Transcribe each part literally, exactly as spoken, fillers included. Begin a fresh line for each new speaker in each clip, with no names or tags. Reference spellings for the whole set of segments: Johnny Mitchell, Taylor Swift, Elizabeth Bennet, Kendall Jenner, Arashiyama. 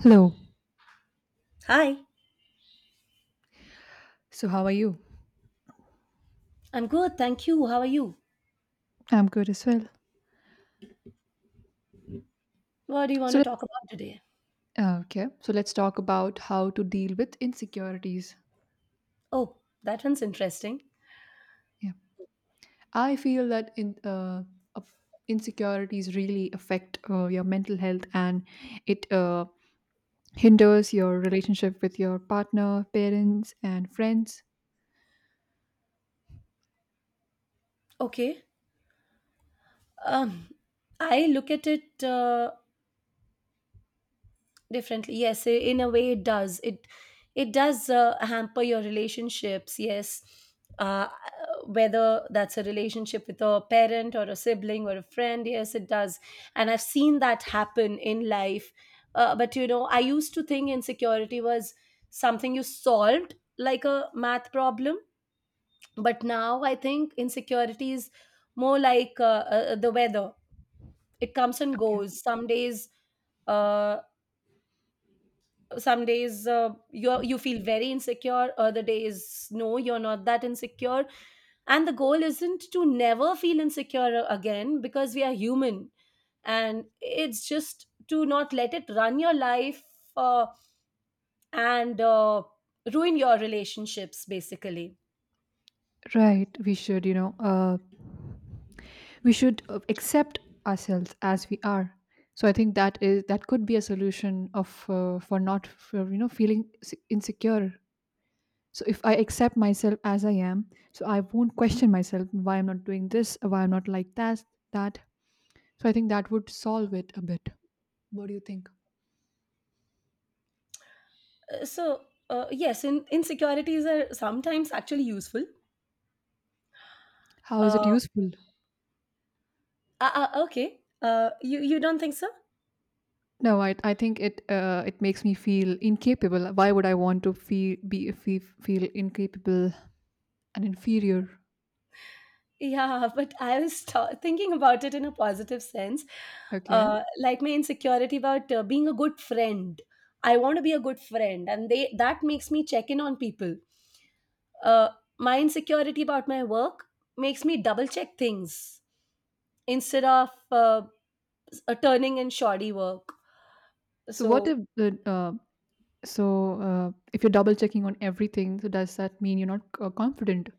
Hello.
Hi.
So, how are you?
I'm good, thank you. How are you?
I'm good as well.
What do you want
So,
to talk about today?
let- uh, okay. So, let's talk about how to deal with insecurities.
Oh, that one's interesting.
Yeah, I feel that in uh, uh, insecurities really affect uh, your mental health, and it uh, hinders your relationship with your partner, parents, and friends.
Okay. Um, I look at it uh, differently. Yes, i- in a way, it does. It it does uh, hamper your relationships. Yes, uh, whether that's a relationship with a parent or a sibling or a friend. Yes, it does, and I've seen that happen in life. Uh, but you know, I used to think insecurity was something you solved like a math problem, but now I think insecurity is more like uh, uh, uh, the weather. It comes and
Okay.
goes some days. uh, some days uh, you you feel very insecure, other days no, you're not that insecure. And the goal isn't to never feel insecure uh, again, because we are human, and it's just to not let it run your life uh, and uh, ruin your relationships basically.
Right. We should, you know, uh, we should uh, accept ourselves as we are. So I think that is that could be a solution of uh, for not for, you know feeling se- insecure. So if I accept myself as I am, so I won't question myself why I'm not doing this, why I'm not like that, that. So I think that would solve it a bit. What do you think?
So, uh, yes, in, insecurities are sometimes actually useful.
How is
Uh,
it useful?
uh, uh, okay, uh, you you don't think so?
No, I, I think it uh, it makes me feel incapable. Why would I want to feel be fe- feel incapable and inferior?
Yeah, but I was ta- thinking about it in a positive sense,
Okay.
uh, like my insecurity about uh, being a good friend. I want to be a good friend, and they that makes me check in on people. Uh, my insecurity about my work makes me double check things instead of uh, s- uh, turning in shoddy work.
So what
So
if the uh, so uh, if you're double checking on everything, so does that mean you're not uh, confident?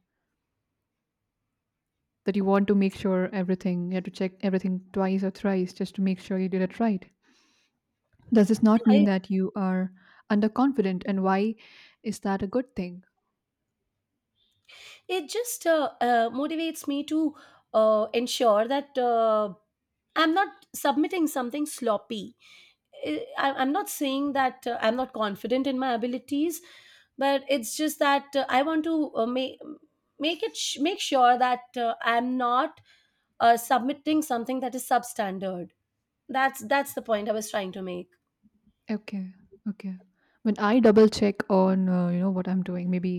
That you want to make sure everything, you have to check everything twice or thrice just to make sure you did it right. Does this not mean that you are underconfident, and why is that a good thing?
it just uh, uh, motivates me to uh, ensure that uh, I'm not submitting something sloppy. I, I- I'm not saying that uh, I'm not confident in my abilities, but it's just that uh, I want to uh, make make it sh- make sure that uh, I'm not uh, submitting something that is substandard. That's that's the point I was trying to make.
Okay. Okay. When I double check on, uh, you know, what I'm doing, maybe,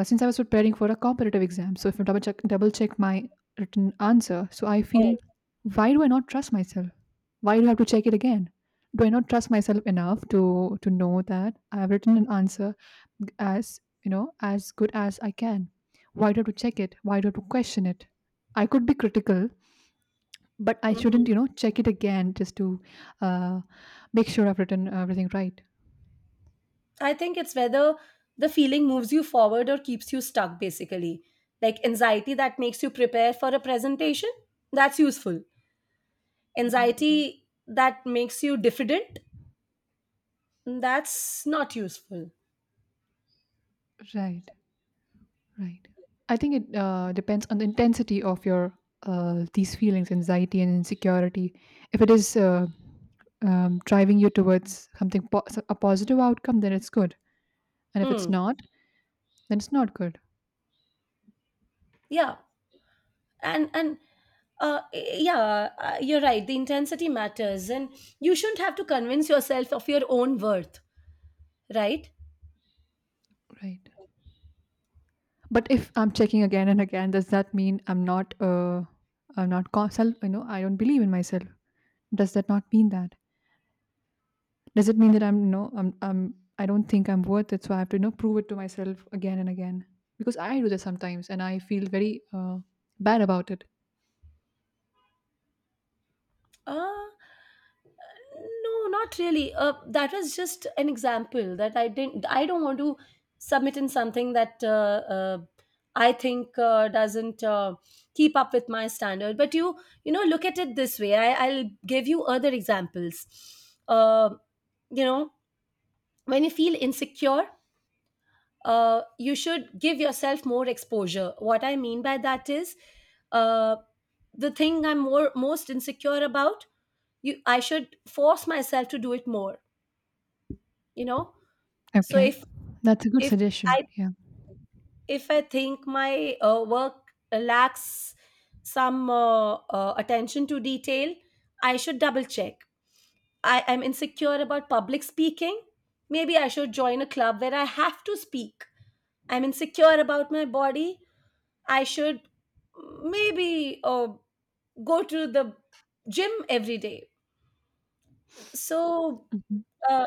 Uh, since I was preparing for a competitive exam, so if I double check double check my written answer, so I feel,
Oh,
why do I not trust myself? Why do I have to check it again? Do I not trust myself enough to to know that I have written an answer g- as you know as good as I can? Why do I have to check it? Why do I have to question it? I could be critical, but I shouldn't, you
mm-hmm.
know, check it again just to uh, make sure I've written everything right.
I think it's whether the feeling moves you forward or keeps you stuck, basically. Like anxiety that makes you prepare for a presentation, that's useful.
Hmm.
Anxiety that makes you diffident, that's not useful.
Right. Right. I think it uh, depends on the intensity of your uh, these feelings, anxiety and insecurity. If it is uh, um, driving you towards something po- so, a positive outcome, then it's good. And if it's
Hmm.
not, then it's not good.
Yeah. And and uh, yeah, uh, you're right. The intensity matters, and you shouldn't have to convince yourself of your own worth, right?
Right. But if I'm checking again and again, does that mean I'm not uh, I'm not con- self? You know, I don't believe in myself. Does that not mean that? Does it mean that I'm no, I'm, I'm, I don't think I'm worth it? So I have to, you know, prove it to myself again and again, because I do that sometimes and I feel very uh, bad about it.
Uh, no, not really. Uh, that was just an example. That I didn't. I don't want to submit in something that uh, uh, I think uh, doesn't uh, keep up with my standard. But you, you know, look at it this way. I, I'll give you other examples. Uh, you know, when you feel insecure, uh, you should give yourself more exposure. What I mean by that is, uh, the thing I'm more most insecure about, you I should force myself to do it more, you know. So
Okay.
if
That's a good
if
suggestion.
i
Yeah.
if I think my uh, work lacks some uh, uh, attention to detail, I should double check. I am insecure about public speaking, maybe I should join a club where I have to speak. I'm insecure about my body, I should maybe uh, go to the gym every day. So
Mhm.
uh,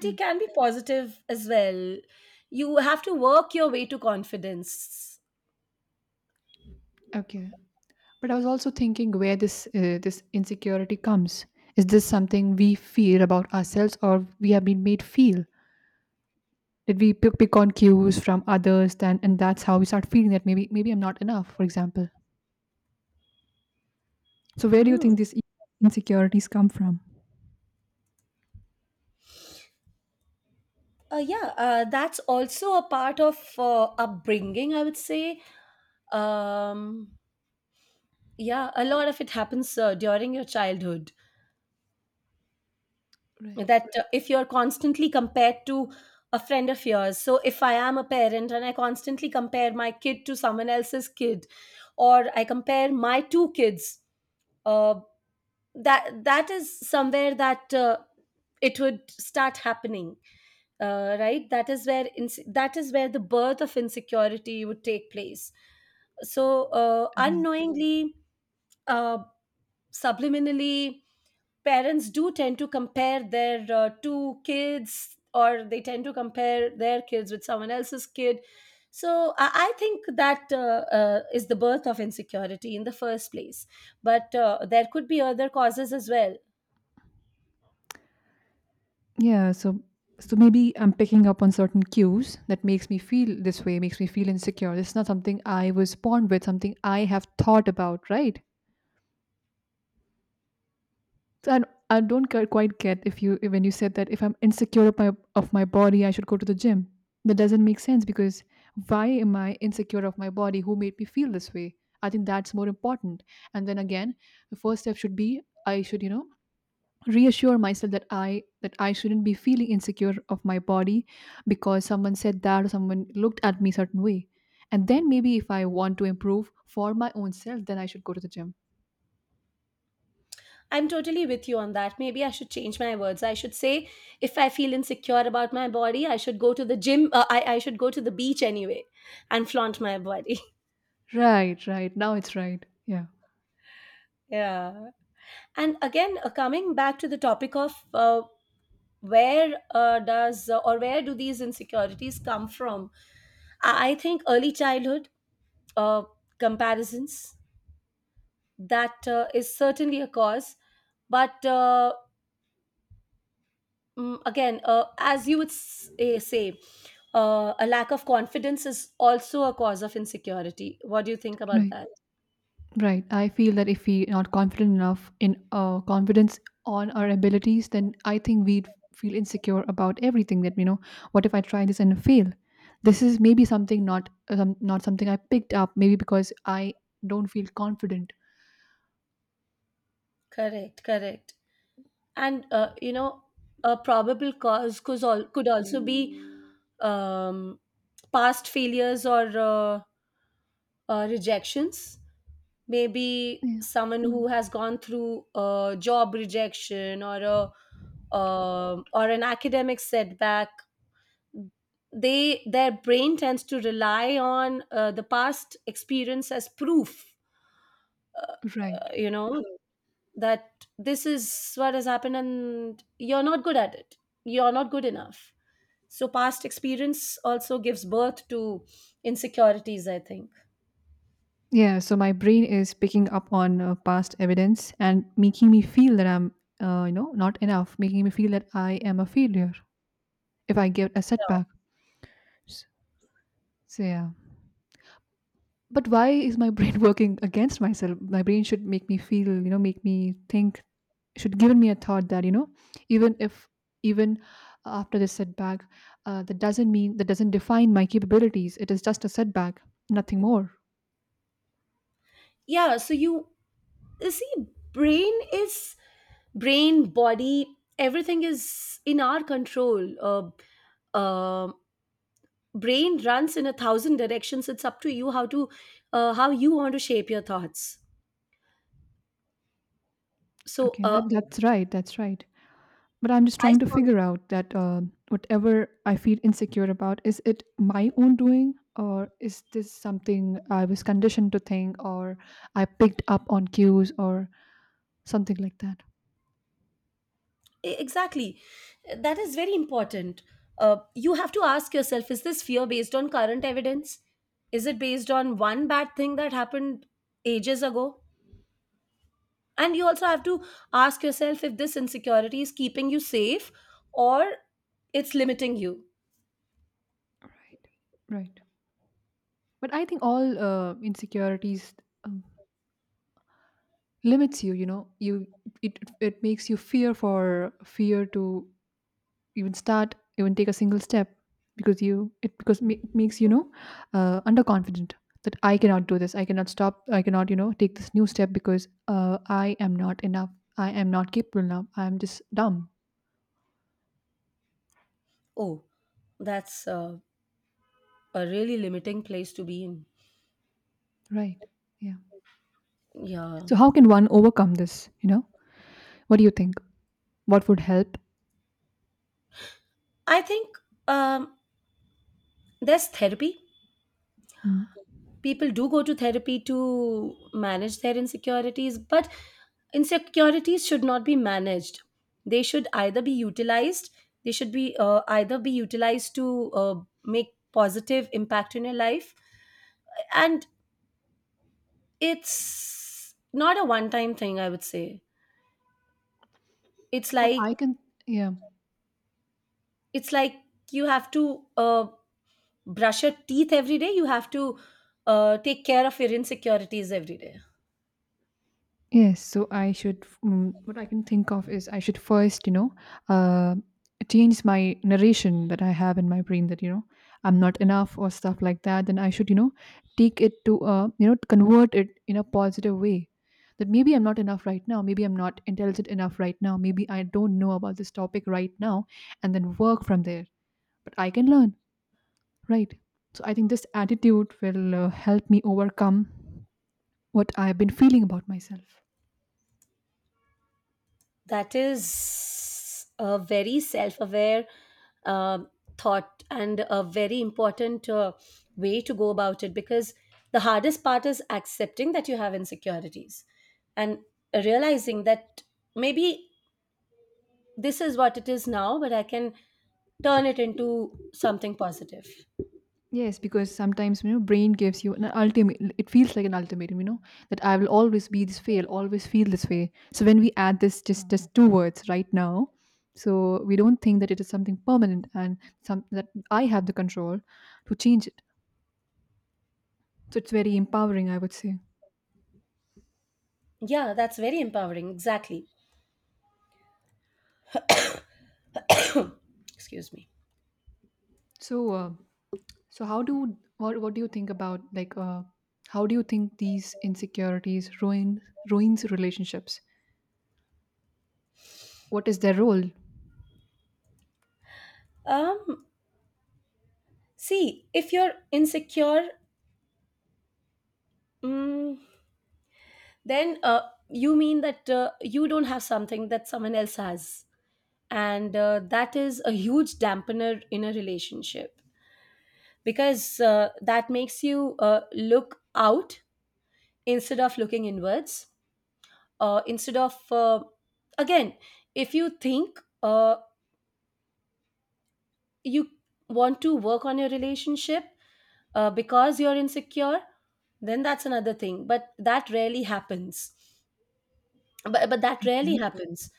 Yeah.
can be positive as well. You have to work your way to confidence.
Okay. But I was also thinking, where this uh, this insecurity comes. Is this something we feel about ourselves, or we have been made feel? Did we pick, pick on cues from others then and that's how we start feeling that maybe maybe I'm not enough, for example. So where do you
Mm.
think these insecurities come from?
Uh, yeah, uh, that's also a part of uh, upbringing, I would say. Um, yeah, a lot of it happens uh, during your childhood.
Right.
That uh, If you're constantly compared to a friend of yours, so if I am a parent and I constantly compare my kid to someone else's kid, or I compare my two kids, uh, that that is somewhere that uh, it would start happening. Uh, right, that is where ins- that is where the birth of insecurity would take place. So uh,
Right.
unknowingly, uh, subliminally, parents do tend to compare their uh, two kids, or they tend to compare their kids with someone else's kid. So i, I think that uh, uh, is the birth of insecurity in the first place, but uh, there could be other causes as well.
Yeah. So so maybe I'm picking up on certain cues that makes me feel this way, makes me feel insecure. It's not something I was born with, something I have thought about, right? So I, I don't cu- quite get if you, when you said that if I'm insecure of my of my body, I should go to the gym. That doesn't make sense because, why am I insecure of my body? Who made me feel this way? I think that's more important. And then again, the first step should be, I should, you know, reassure myself that i that i shouldn't be feeling insecure of my body because someone said that or someone looked at me certain way, and then maybe if I want to improve for my own self, then I should go to the gym.
I'm totally with you on that. Maybe I should change my words. I should say if I feel insecure about my body, I should go to the gym. uh, I, I should go to the beach anyway and flaunt my body.
Right, right. Now it's right, yeah.
Yeah. And again, uh, coming back to the topic of uh, where uh, does uh, or where do these insecurities come from? I I think early childhood uh, comparisons, that uh, is certainly a cause, but uh, mm, again, uh, as you would s- eh, say, uh, a lack of confidence is also a cause of insecurity. What do you think about
Right.
that?
Right. I feel that if we're not confident enough in uh, confidence on our abilities, then I think we'd feel insecure about everything. That, you know, what if I try this and fail? This is maybe something not um, not something I picked up. Maybe because I don't feel confident.
Correct, correct. And uh, you know, a probable cause could, al- could also be um, past failures or uh, uh, rejections. Maybe
Yeah.
someone who has gone through a job rejection or a um, or an academic setback. They Their brain tends to rely on uh, the past experience as proof. Uh,
Right.
you know, that this is what has happened, and you're not good at it. You're not good enough. So past experience also gives birth to insecurities, I think.
Yeah. So my brain is picking up on uh, past evidence and making me feel that I'm uh, you know not enough, making me feel that I am a failure if I get a setback. S- So yeah. But why is my brain working against myself? My brain should make me feel, you know, make me think, should give me a thought that, you know, even if, even after this setback, uh, that doesn't mean, that doesn't define my capabilities. It is just a setback, nothing more.
Yeah, so you you see, brain is brain, body, everything is in our control. Uh, um Brain runs in a thousand directions. It's up to you how to uh, how you want to shape your thoughts. So
Okay,
uh,
that, that's right. That's right. But I'm just
I
trying to
strongly—
figure out that uh, whatever I feel insecure about, is it my own doing, or is this something I was conditioned to think, or I picked up on cues, or something like that.
E- exactly. E, That is very important. Uh, you have to ask yourself, is this fear based on current evidence? Is it based on one bad thing that happened ages ago? And you also have to ask yourself if this insecurity is keeping you safe or it's limiting you.
Right. Right. But I think all uh, insecurities um, limits you, you know. You it it makes you fear, for fear to even start, even take a single step, because you it because ma- it makes you know uh, underconfident that I cannot do this. I cannot stop. I cannot, you know, take this new step because uh, I am not enough. I am not capable now. I am just dumb.
Oh, that's uh, a really limiting place to be in.
Right. Yeah.
Yeah.
So how can one overcome this? You know, what do you think? What would help?
I think um, there's therapy.
Mm.
People do go to therapy to manage their insecurities, but insecurities should not be managed, they should either be utilized. They should be uh, either be utilized to uh, make positive impact in your life. And it's not a one time thing, I would say. it's
What
like
I can, yeah,
it's like you have to uh, brush your teeth every day. You have to uh, take care of your insecurities every day.
yes. So I should. Mm, what I can think of is, I should first, you know, uh, change my narration that I have in my brain, that you know I'm not enough or stuff like that. Then I should, you know, take it to, uh, you know, convert it in a positive way. That maybe I'm not enough right now. Maybe I'm not intelligent enough right now. Maybe I don't know about this topic right now, and then work from there. But I can learn. Right. So I think this attitude will uh, help me overcome what I've been feeling about myself.
That is a very self aware um, thought, and a very important uh, way to go about it, because the hardest part is accepting that you have insecurities, and realizing that maybe this is what it is now, but I can turn it into something positive.
Yes, because sometimes, you know, brain gives you an ultimate, it feels like an ultimatum, you know, that I will always be this way, I'll always feel this way. So when we add this just just two words right now, so we don't think that it is something permanent, and some that I have the control to change it. So it's very empowering, I would say.
Yeah, that's very empowering. Exactly. Excuse me.
So uh, So how do, what what do you think about like uh how do you think these insecurities ruin ruins relationships? What is their role?
Um, see, if you're insecure, mm, then uh, you mean that uh, you don't have something that someone else has. And uh, that is a huge dampener in a relationship, because uh, that makes you uh, look out instead of looking inwards. Uh, instead of, uh, again, if you think uh, you want to work on your relationship uh, because you're insecure, then that's another thing. But that rarely happens. But, but that
Yeah,
rarely happens.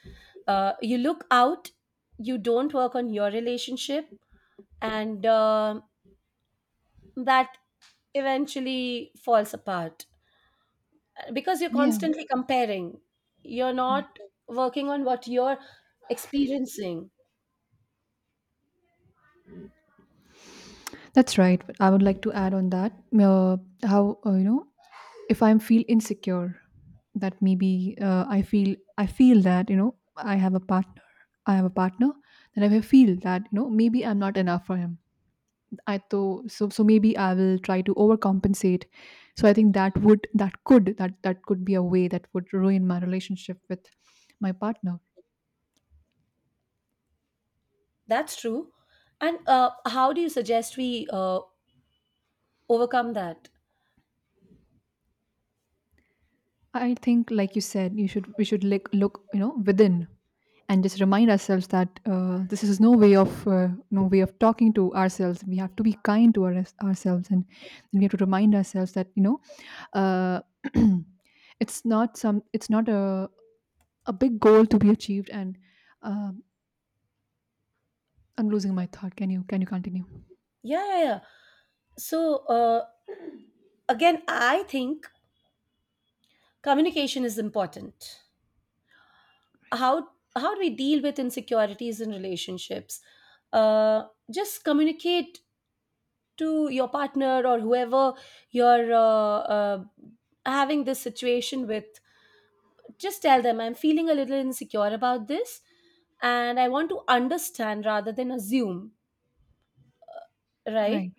uh, You look out, you don't work on your relationship, and uh, that eventually falls apart, because you're
yeah.
constantly comparing, you're
Okay.
not working on what you're experiencing.
That's right. But I would like to add on that, uh, how, uh, you know, if I feel insecure, that maybe uh, I feel I feel that, you know, I have a partner I have a partner, then I will feel that, you know, maybe I'm not enough for him. I though So so maybe I will try to overcompensate. So I think that would, that could that that could be a way that would ruin my relationship with my partner.
That's true. And uh, how do you suggest we uh, overcome that?
I think, like you said, you should we should like look, you know, within, and just remind ourselves that, uh, this is no way of uh, no way of talking to ourselves. We have to be kind to our, ourselves, and we have to remind ourselves that, you know, uh, it's not some it's not a a big goal to be achieved and. Um, I'm losing my thought. Can you can you continue?
yeah yeah yeah So uh, again, I think communication is important. how how do we deal with insecurities in relationships? uh, just communicate to your partner or whoever you're uh, uh, having this situation with. Just tell them, I'm feeling a little insecure about this, and I want to understand rather than assume,
Right.
right?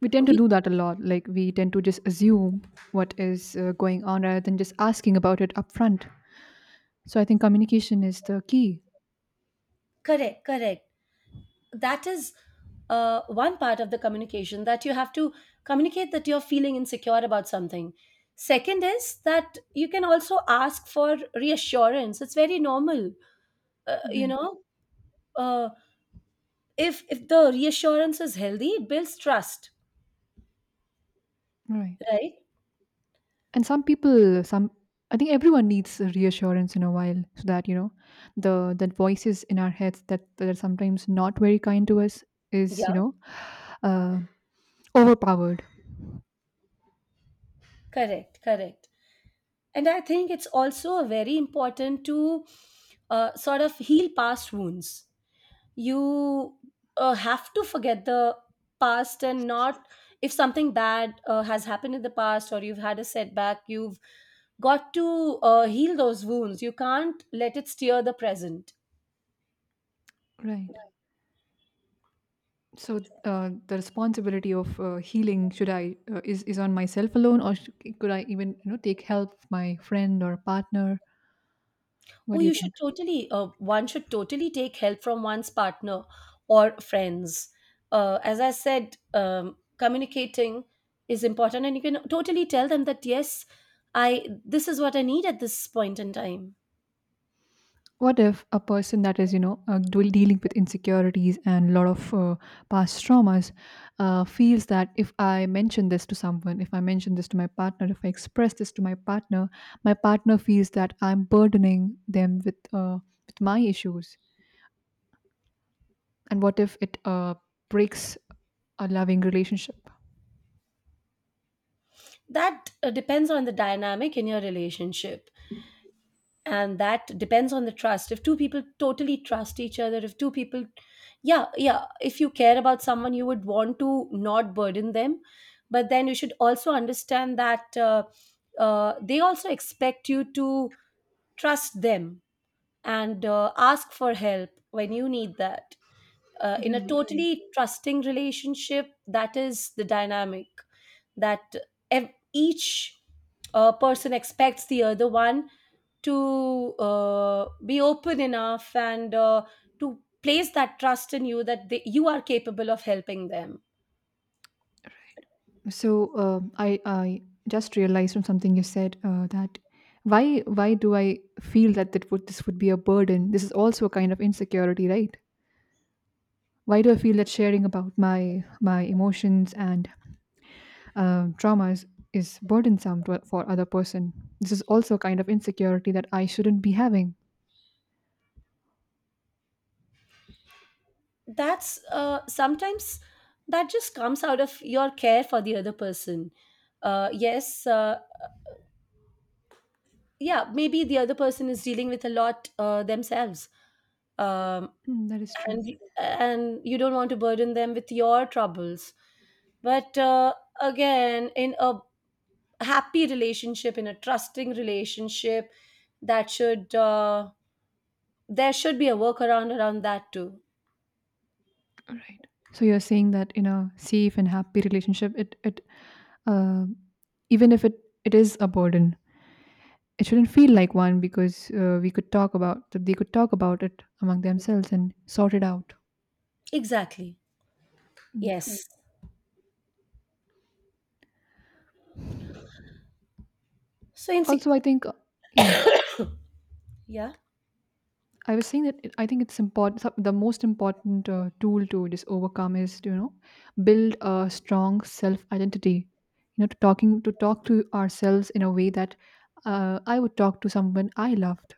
We tend to
you
do that a lot. Like we tend to just assume what is uh, going on rather than just asking about it upfront. So I think communication is the key.
Correct, correct. That is uh, one part of the communication, that you have to communicate that you're feeling insecure about something. Second is that you can also ask for reassurance. It's very normal, uh, you
Right.
know. Uh, if if the reassurance is healthy, it builds trust,
Right.
right?
And some people, some, I think everyone needs a reassurance in a while, so that you know the the voices in our heads that that are sometimes not very kind to us is you
Yeah,
know uh, overpowered.
correct, correct. And I think it's also very important to uh, sort of heal past wounds you uh, have to forget the past. And not, if something bad uh, has happened in the past or you've had a setback, you've got to uh, heal those wounds. You can't let it steer the present.
Right. So uh, the responsibility of uh, healing, should I, uh, is is on myself alone, or sh- could I even you know take help from my friend or partner? What
Oh,
do you
you should
think?
totally, uh, one should totally take help from one's partner or friends. Uh, as I said, um, communicating is important, and you can totally tell them that, yes, I this is what I need at this point in time.
What if a person that is, you know, uh, do- dealing with insecurities and a lot of uh, past traumas uh, feels that if I mention this to someone, if I mention this to my partner, if I express this to my partner, my partner feels that I'm burdening them with uh, with my issues. And what if it uh, breaks a loving relationship?
That uh, depends on the dynamic in your relationship, and that depends on the trust. If two people totally trust each other if two people Yeah, yeah, if you care about someone you would want to not burden them, but then you should also understand that uh, uh, they also expect you to trust them and uh, ask for help when you need that. Uh, in a
Right, right.
totally trusting relationship, that is the dynamic, that ev- each uh, person expects the other one to uh, be open enough and uh, to place that trust in you, that they, you are capable of helping them.
So uh, I I just realized from something you said uh, that, why why do I feel that that would this would be a burden? This is also a kind of insecurity, right? Why do I feel that sharing about my my emotions and uh, traumas is burdensome to, for other person? This is also a kind of insecurity that I shouldn't be having.
That's, uh, sometimes that just comes out of your care for the other person. Uh, yes, uh, yeah, maybe the other person is dealing with a lot uh, themselves. um,
Hmm, that is true.
and and you don't want to burden them with your troubles. But uh, again, in a happy relationship, in a trusting relationship, that should, uh, there should be a workaround around that too.
All right. So you're saying that in a safe and happy relationship, it it uh, even if it it is a burden, it shouldn't feel like one because uh, we could talk about that, they could talk about it among themselves and sort it out,
Exactly.
yeah.
Yes. so in sec-
Also, I think uh, yeah,
yeah.
I was saying that it- I think it's important, some- the most important uh, tool to just overcome is to, you know, build a strong self identity, you know, to talking to talk to ourselves in a way that uh, I would talk to someone I loved.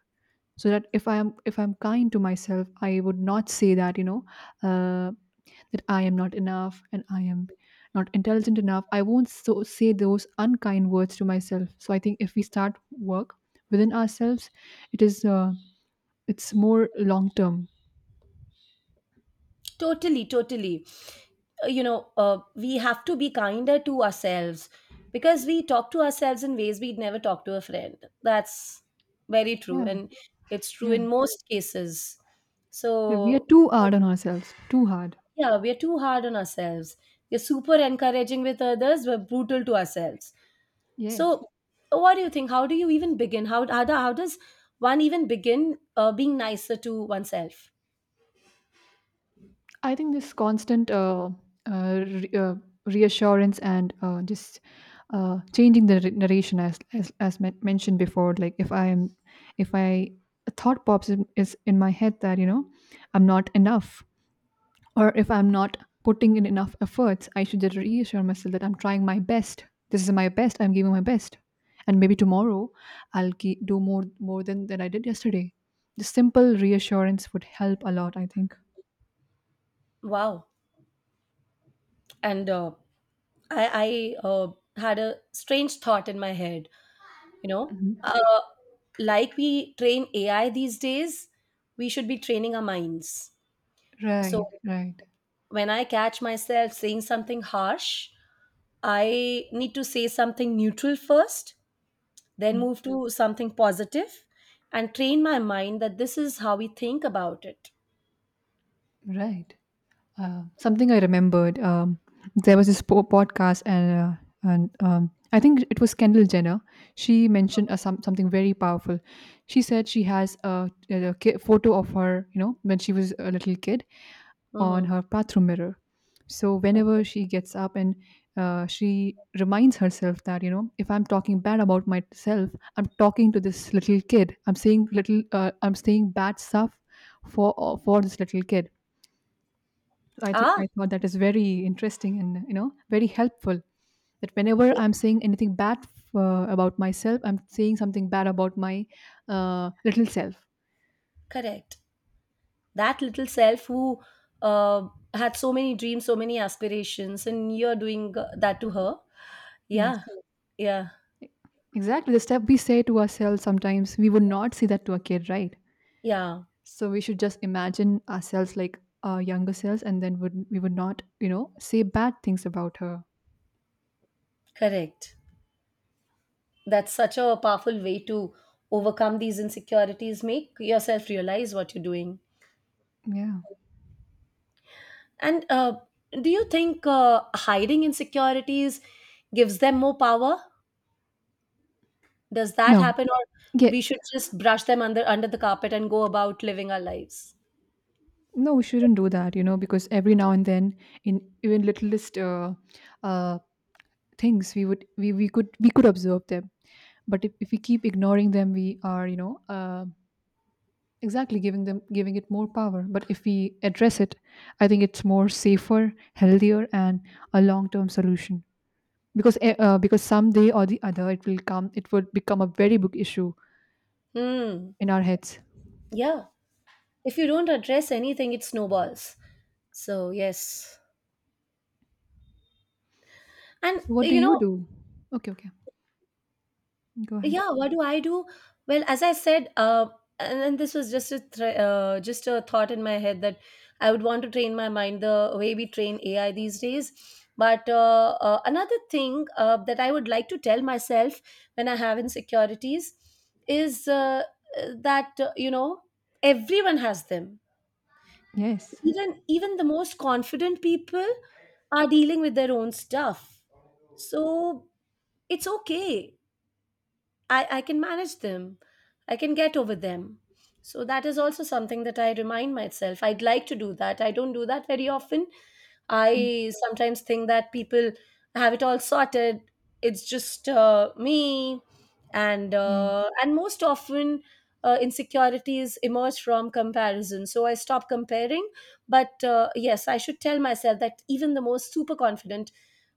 So that if i am if I'm kind to myself, I would not say that, you know, uh, that I am not enough and I am not intelligent enough. I won't so say those unkind words to myself. So I think if we start work within ourselves, it is uh, it's more long term.
Totally, totally. Uh, You know, uh, we have to be kinder to ourselves, because we talk to ourselves in ways we'd never talk to a friend. That's very true.
Yeah,
And it's true
yeah.
in most cases.
We are
So,
too hard on ourselves. Too hard.
yeah, we're too hard on ourselves. We're super encouraging with others, we're brutal to ourselves.
Yes.
So, what do you think? How do you even begin? How, how, do- how does one even begin uh, being nicer to oneself?
I think this constant uh, uh, re- uh, reassurance and uh, just uh, changing the re- narration, as as, as men- mentioned before, like if I am, if I, a thought pops in, is in my head that, you know, I'm not enough, or if I'm not putting in enough efforts, I should just reassure myself that I'm trying my best. This is my best. I'm giving my best, and maybe tomorrow I'll ge- do more more than than I did yesterday. The simple reassurance would help a lot, I think.
Wow. And uh, I, I uh, had a strange thought in my head. You know, uh, like we train A I these days, we should be training our minds.
Right,
So
right.
when I catch myself saying something harsh, I need to say something neutral first, then move to something positive, and train my mind that this is how we think about it.
Right. Uh, something I remembered. Um, there was this po- podcast, and uh, and um, I think it was Kendall Jenner. She mentioned uh, some something very powerful. She said she has a, a ki- photo of her, you know, when she was a little kid, on
Mm-hmm.
her bathroom mirror. So
Okay.
whenever she gets up and uh, she reminds herself that, you know, if I'm talking bad about myself, I'm talking to this little kid. I'm saying little. Uh, I'm saying bad stuff for for this little kid. So I think
Ah,
I thought that is very interesting and, you know, very helpful. That whenever
eh,
I'm saying anything bad uh, about myself, I'm saying something bad about my uh, little self.
correct. That little self who uh, had so many dreams, so many aspirations, and you're doing uh, that to her.
Yes,
Yeah, yeah,
E- exactly. The stuff we say to ourselves sometimes, we would not say that to a kid, right?
yeah.
So we should just imagine ourselves like our younger selves, and then would we would not, you know, say bad things about her.
Correct. That's such a powerful way to overcome these insecurities, make yourself realize what you're doing.
Yeah.
And uh, do you think uh, hiding insecurities gives them more power? Does that
No.
happen, or
Yeah.
we should just brush them under under the carpet and go about living our lives?
No, we shouldn't do that, you know, because every now and then, in even littlest uh, uh, things, we would we, we could, we could observe them. But if, if we keep ignoring them, we are, you know, uh, exactly giving them giving it more power. But if we address it, I think it's more safer, healthier, and a long term solution, because eh, uh, because someday or the other it will come, it would become a very big issue
Hmm.
in our heads.
Yeah, if you don't address anything, it snowballs. So yes, and
What do
you
you
know,
do? Okay, okay, go ahead.
yeah. What do I do? Well, as I said, uh, and then this was just a th- uh, just a thought in my head, that I would want to train my mind the way we train A I these days. But uh, uh, another thing uh, that I would like to tell myself when I have insecurities is uh, that, uh, you know, everyone has them.
Yes.
Even even the most confident people are dealing with their own stuff. So it's okay I, I can manage them. I can get over them. So that is also something that I remind myself. I'd like to do that. I don't do that very often.
Mm,
I sometimes think that people have it all sorted. It's just, uh, me, and
yes,
uh, and most often uh, insecurities emerge from comparison. So I stop comparing. But uh, yes, I should tell myself that even the most super confident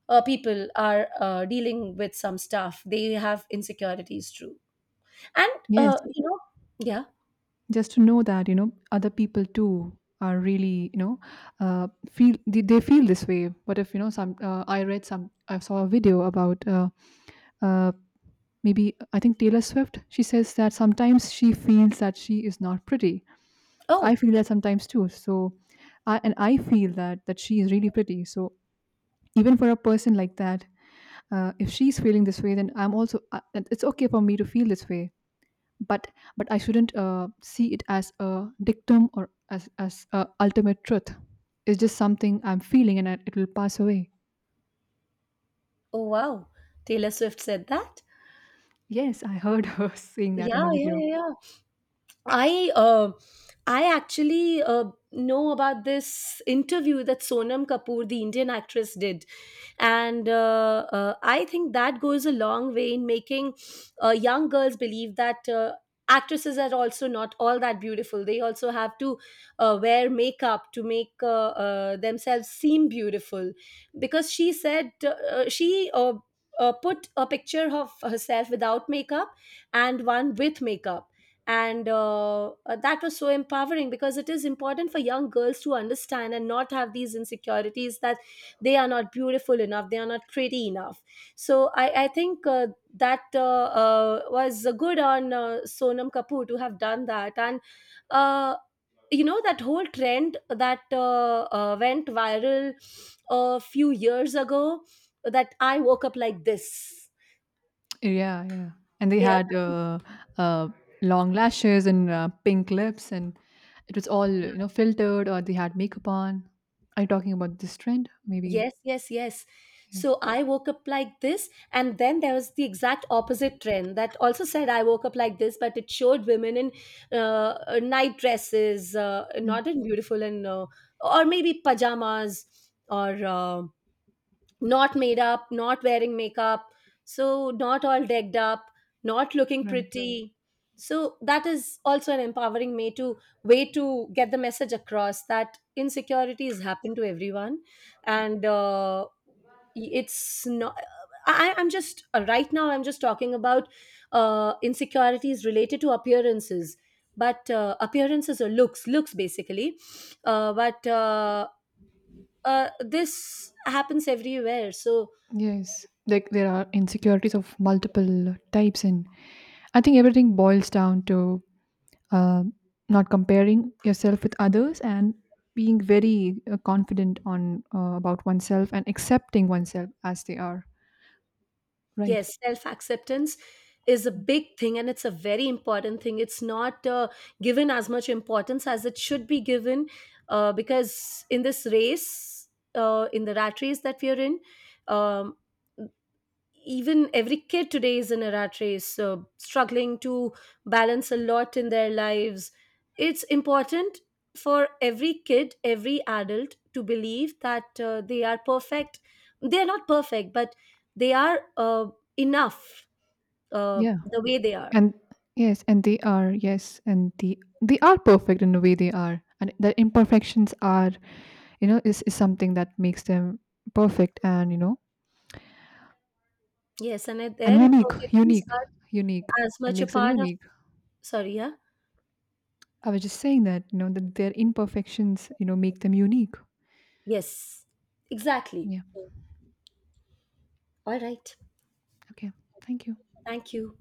uh, people are uh, dealing with some stuff. They have insecurities, true. And,
yes,
uh, you know, yeah.
just to know that, you know, other people too are really, you know, uh, feel, they, they feel this way. What if, you know, some uh, I read some I saw a video about uh, uh, maybe, I think, Taylor Swift. She says that sometimes she feels that she is not pretty. I
Oh,
feel that sometimes too. So i and I feel that that she is really pretty. So even for a person like that, uh, if she's feeling this way, then I'm also, uh, and it's okay for me to feel this way. But but I shouldn't uh, see it as a dictum or as as a ultimate truth. It's just something I'm feeling, and I, it will pass away.
oh, wow. Taylor Swift said that.
Yes, I heard her saying that in
Yeah,
the
yeah,
video.
yeah, yeah. I uh, I actually uh, know about this interview that Sonam Kapoor, the Indian actress, did, and uh, uh, I think that goes a long way in making uh, young girls believe that. Uh, actresses are also not all that beautiful. They also have to uh, wear makeup to make uh, uh, themselves seem beautiful, because she said, uh, uh, she uh, uh, put a picture of herself without makeup and one with makeup. And uh, uh, that was so empowering, because it is important for young girls to understand and not have these insecurities that they are not beautiful enough, they are not pretty enough. So i, I think uh, that uh, uh, was good on, uh, Sonam Kapoor to have done that. And uh, you know, that whole trend that uh, uh, went viral a few years ago, that I woke up like this.
Yeah, yeah. And they
Yeah.
had uh, uh, long lashes and uh, pink lips, and it was all, you know, filtered or they had makeup on. Are you talking about this trend maybe?
Yes, yes, yes.
Yeah.
So I woke up like this, and then there was the exact opposite trend that also said I woke up like this, but it showed women in uh, uh, night dresses, uh,
Mm,
not in beautiful and, uh, or maybe pajamas, or uh, not made up, not wearing makeup, so not all decked up, not looking
right.
pretty. So that is also an empowering way to way to get the message across, that insecurities happen to everyone, and uh, it's not. I, I'm just uh, right now, I'm just talking about uh, insecurities related to appearances, but uh, appearances or looks, looks basically. Uh, but uh, uh, This happens everywhere. So,
Yes, like there are insecurities of multiple types, and I think everything boils down to uh, not comparing yourself with others and being very uh, confident on, uh, about oneself and accepting oneself as they are, right?
yes, self acceptance is a big thing, and it's a very important thing. It's not uh, given as much importance as it should be given, uh, because in this race, uh, in the rat race that we are in, um, even every kid today is in a rat race, so struggling to balance a lot in their lives. It's important for every kid, every adult, to believe that uh, they are perfect. They are not perfect, but they are uh, enough, uh,
Yeah,
the way they are.
and yes, and they are yes, and the they are perfect in the way they are, and their imperfections are, you know, is, is something that makes them perfect, and you know,
Yes, and that
and
their
unique
imperfections
unique
are
unique,
as
and
much a
makes them
part of,
unique.
sorry, yeah.
I was just saying that, you know, that their imperfections, you know, make them unique.
Yes, exactly.
Yeah.
All right.
Okay, thank you.
Thank you.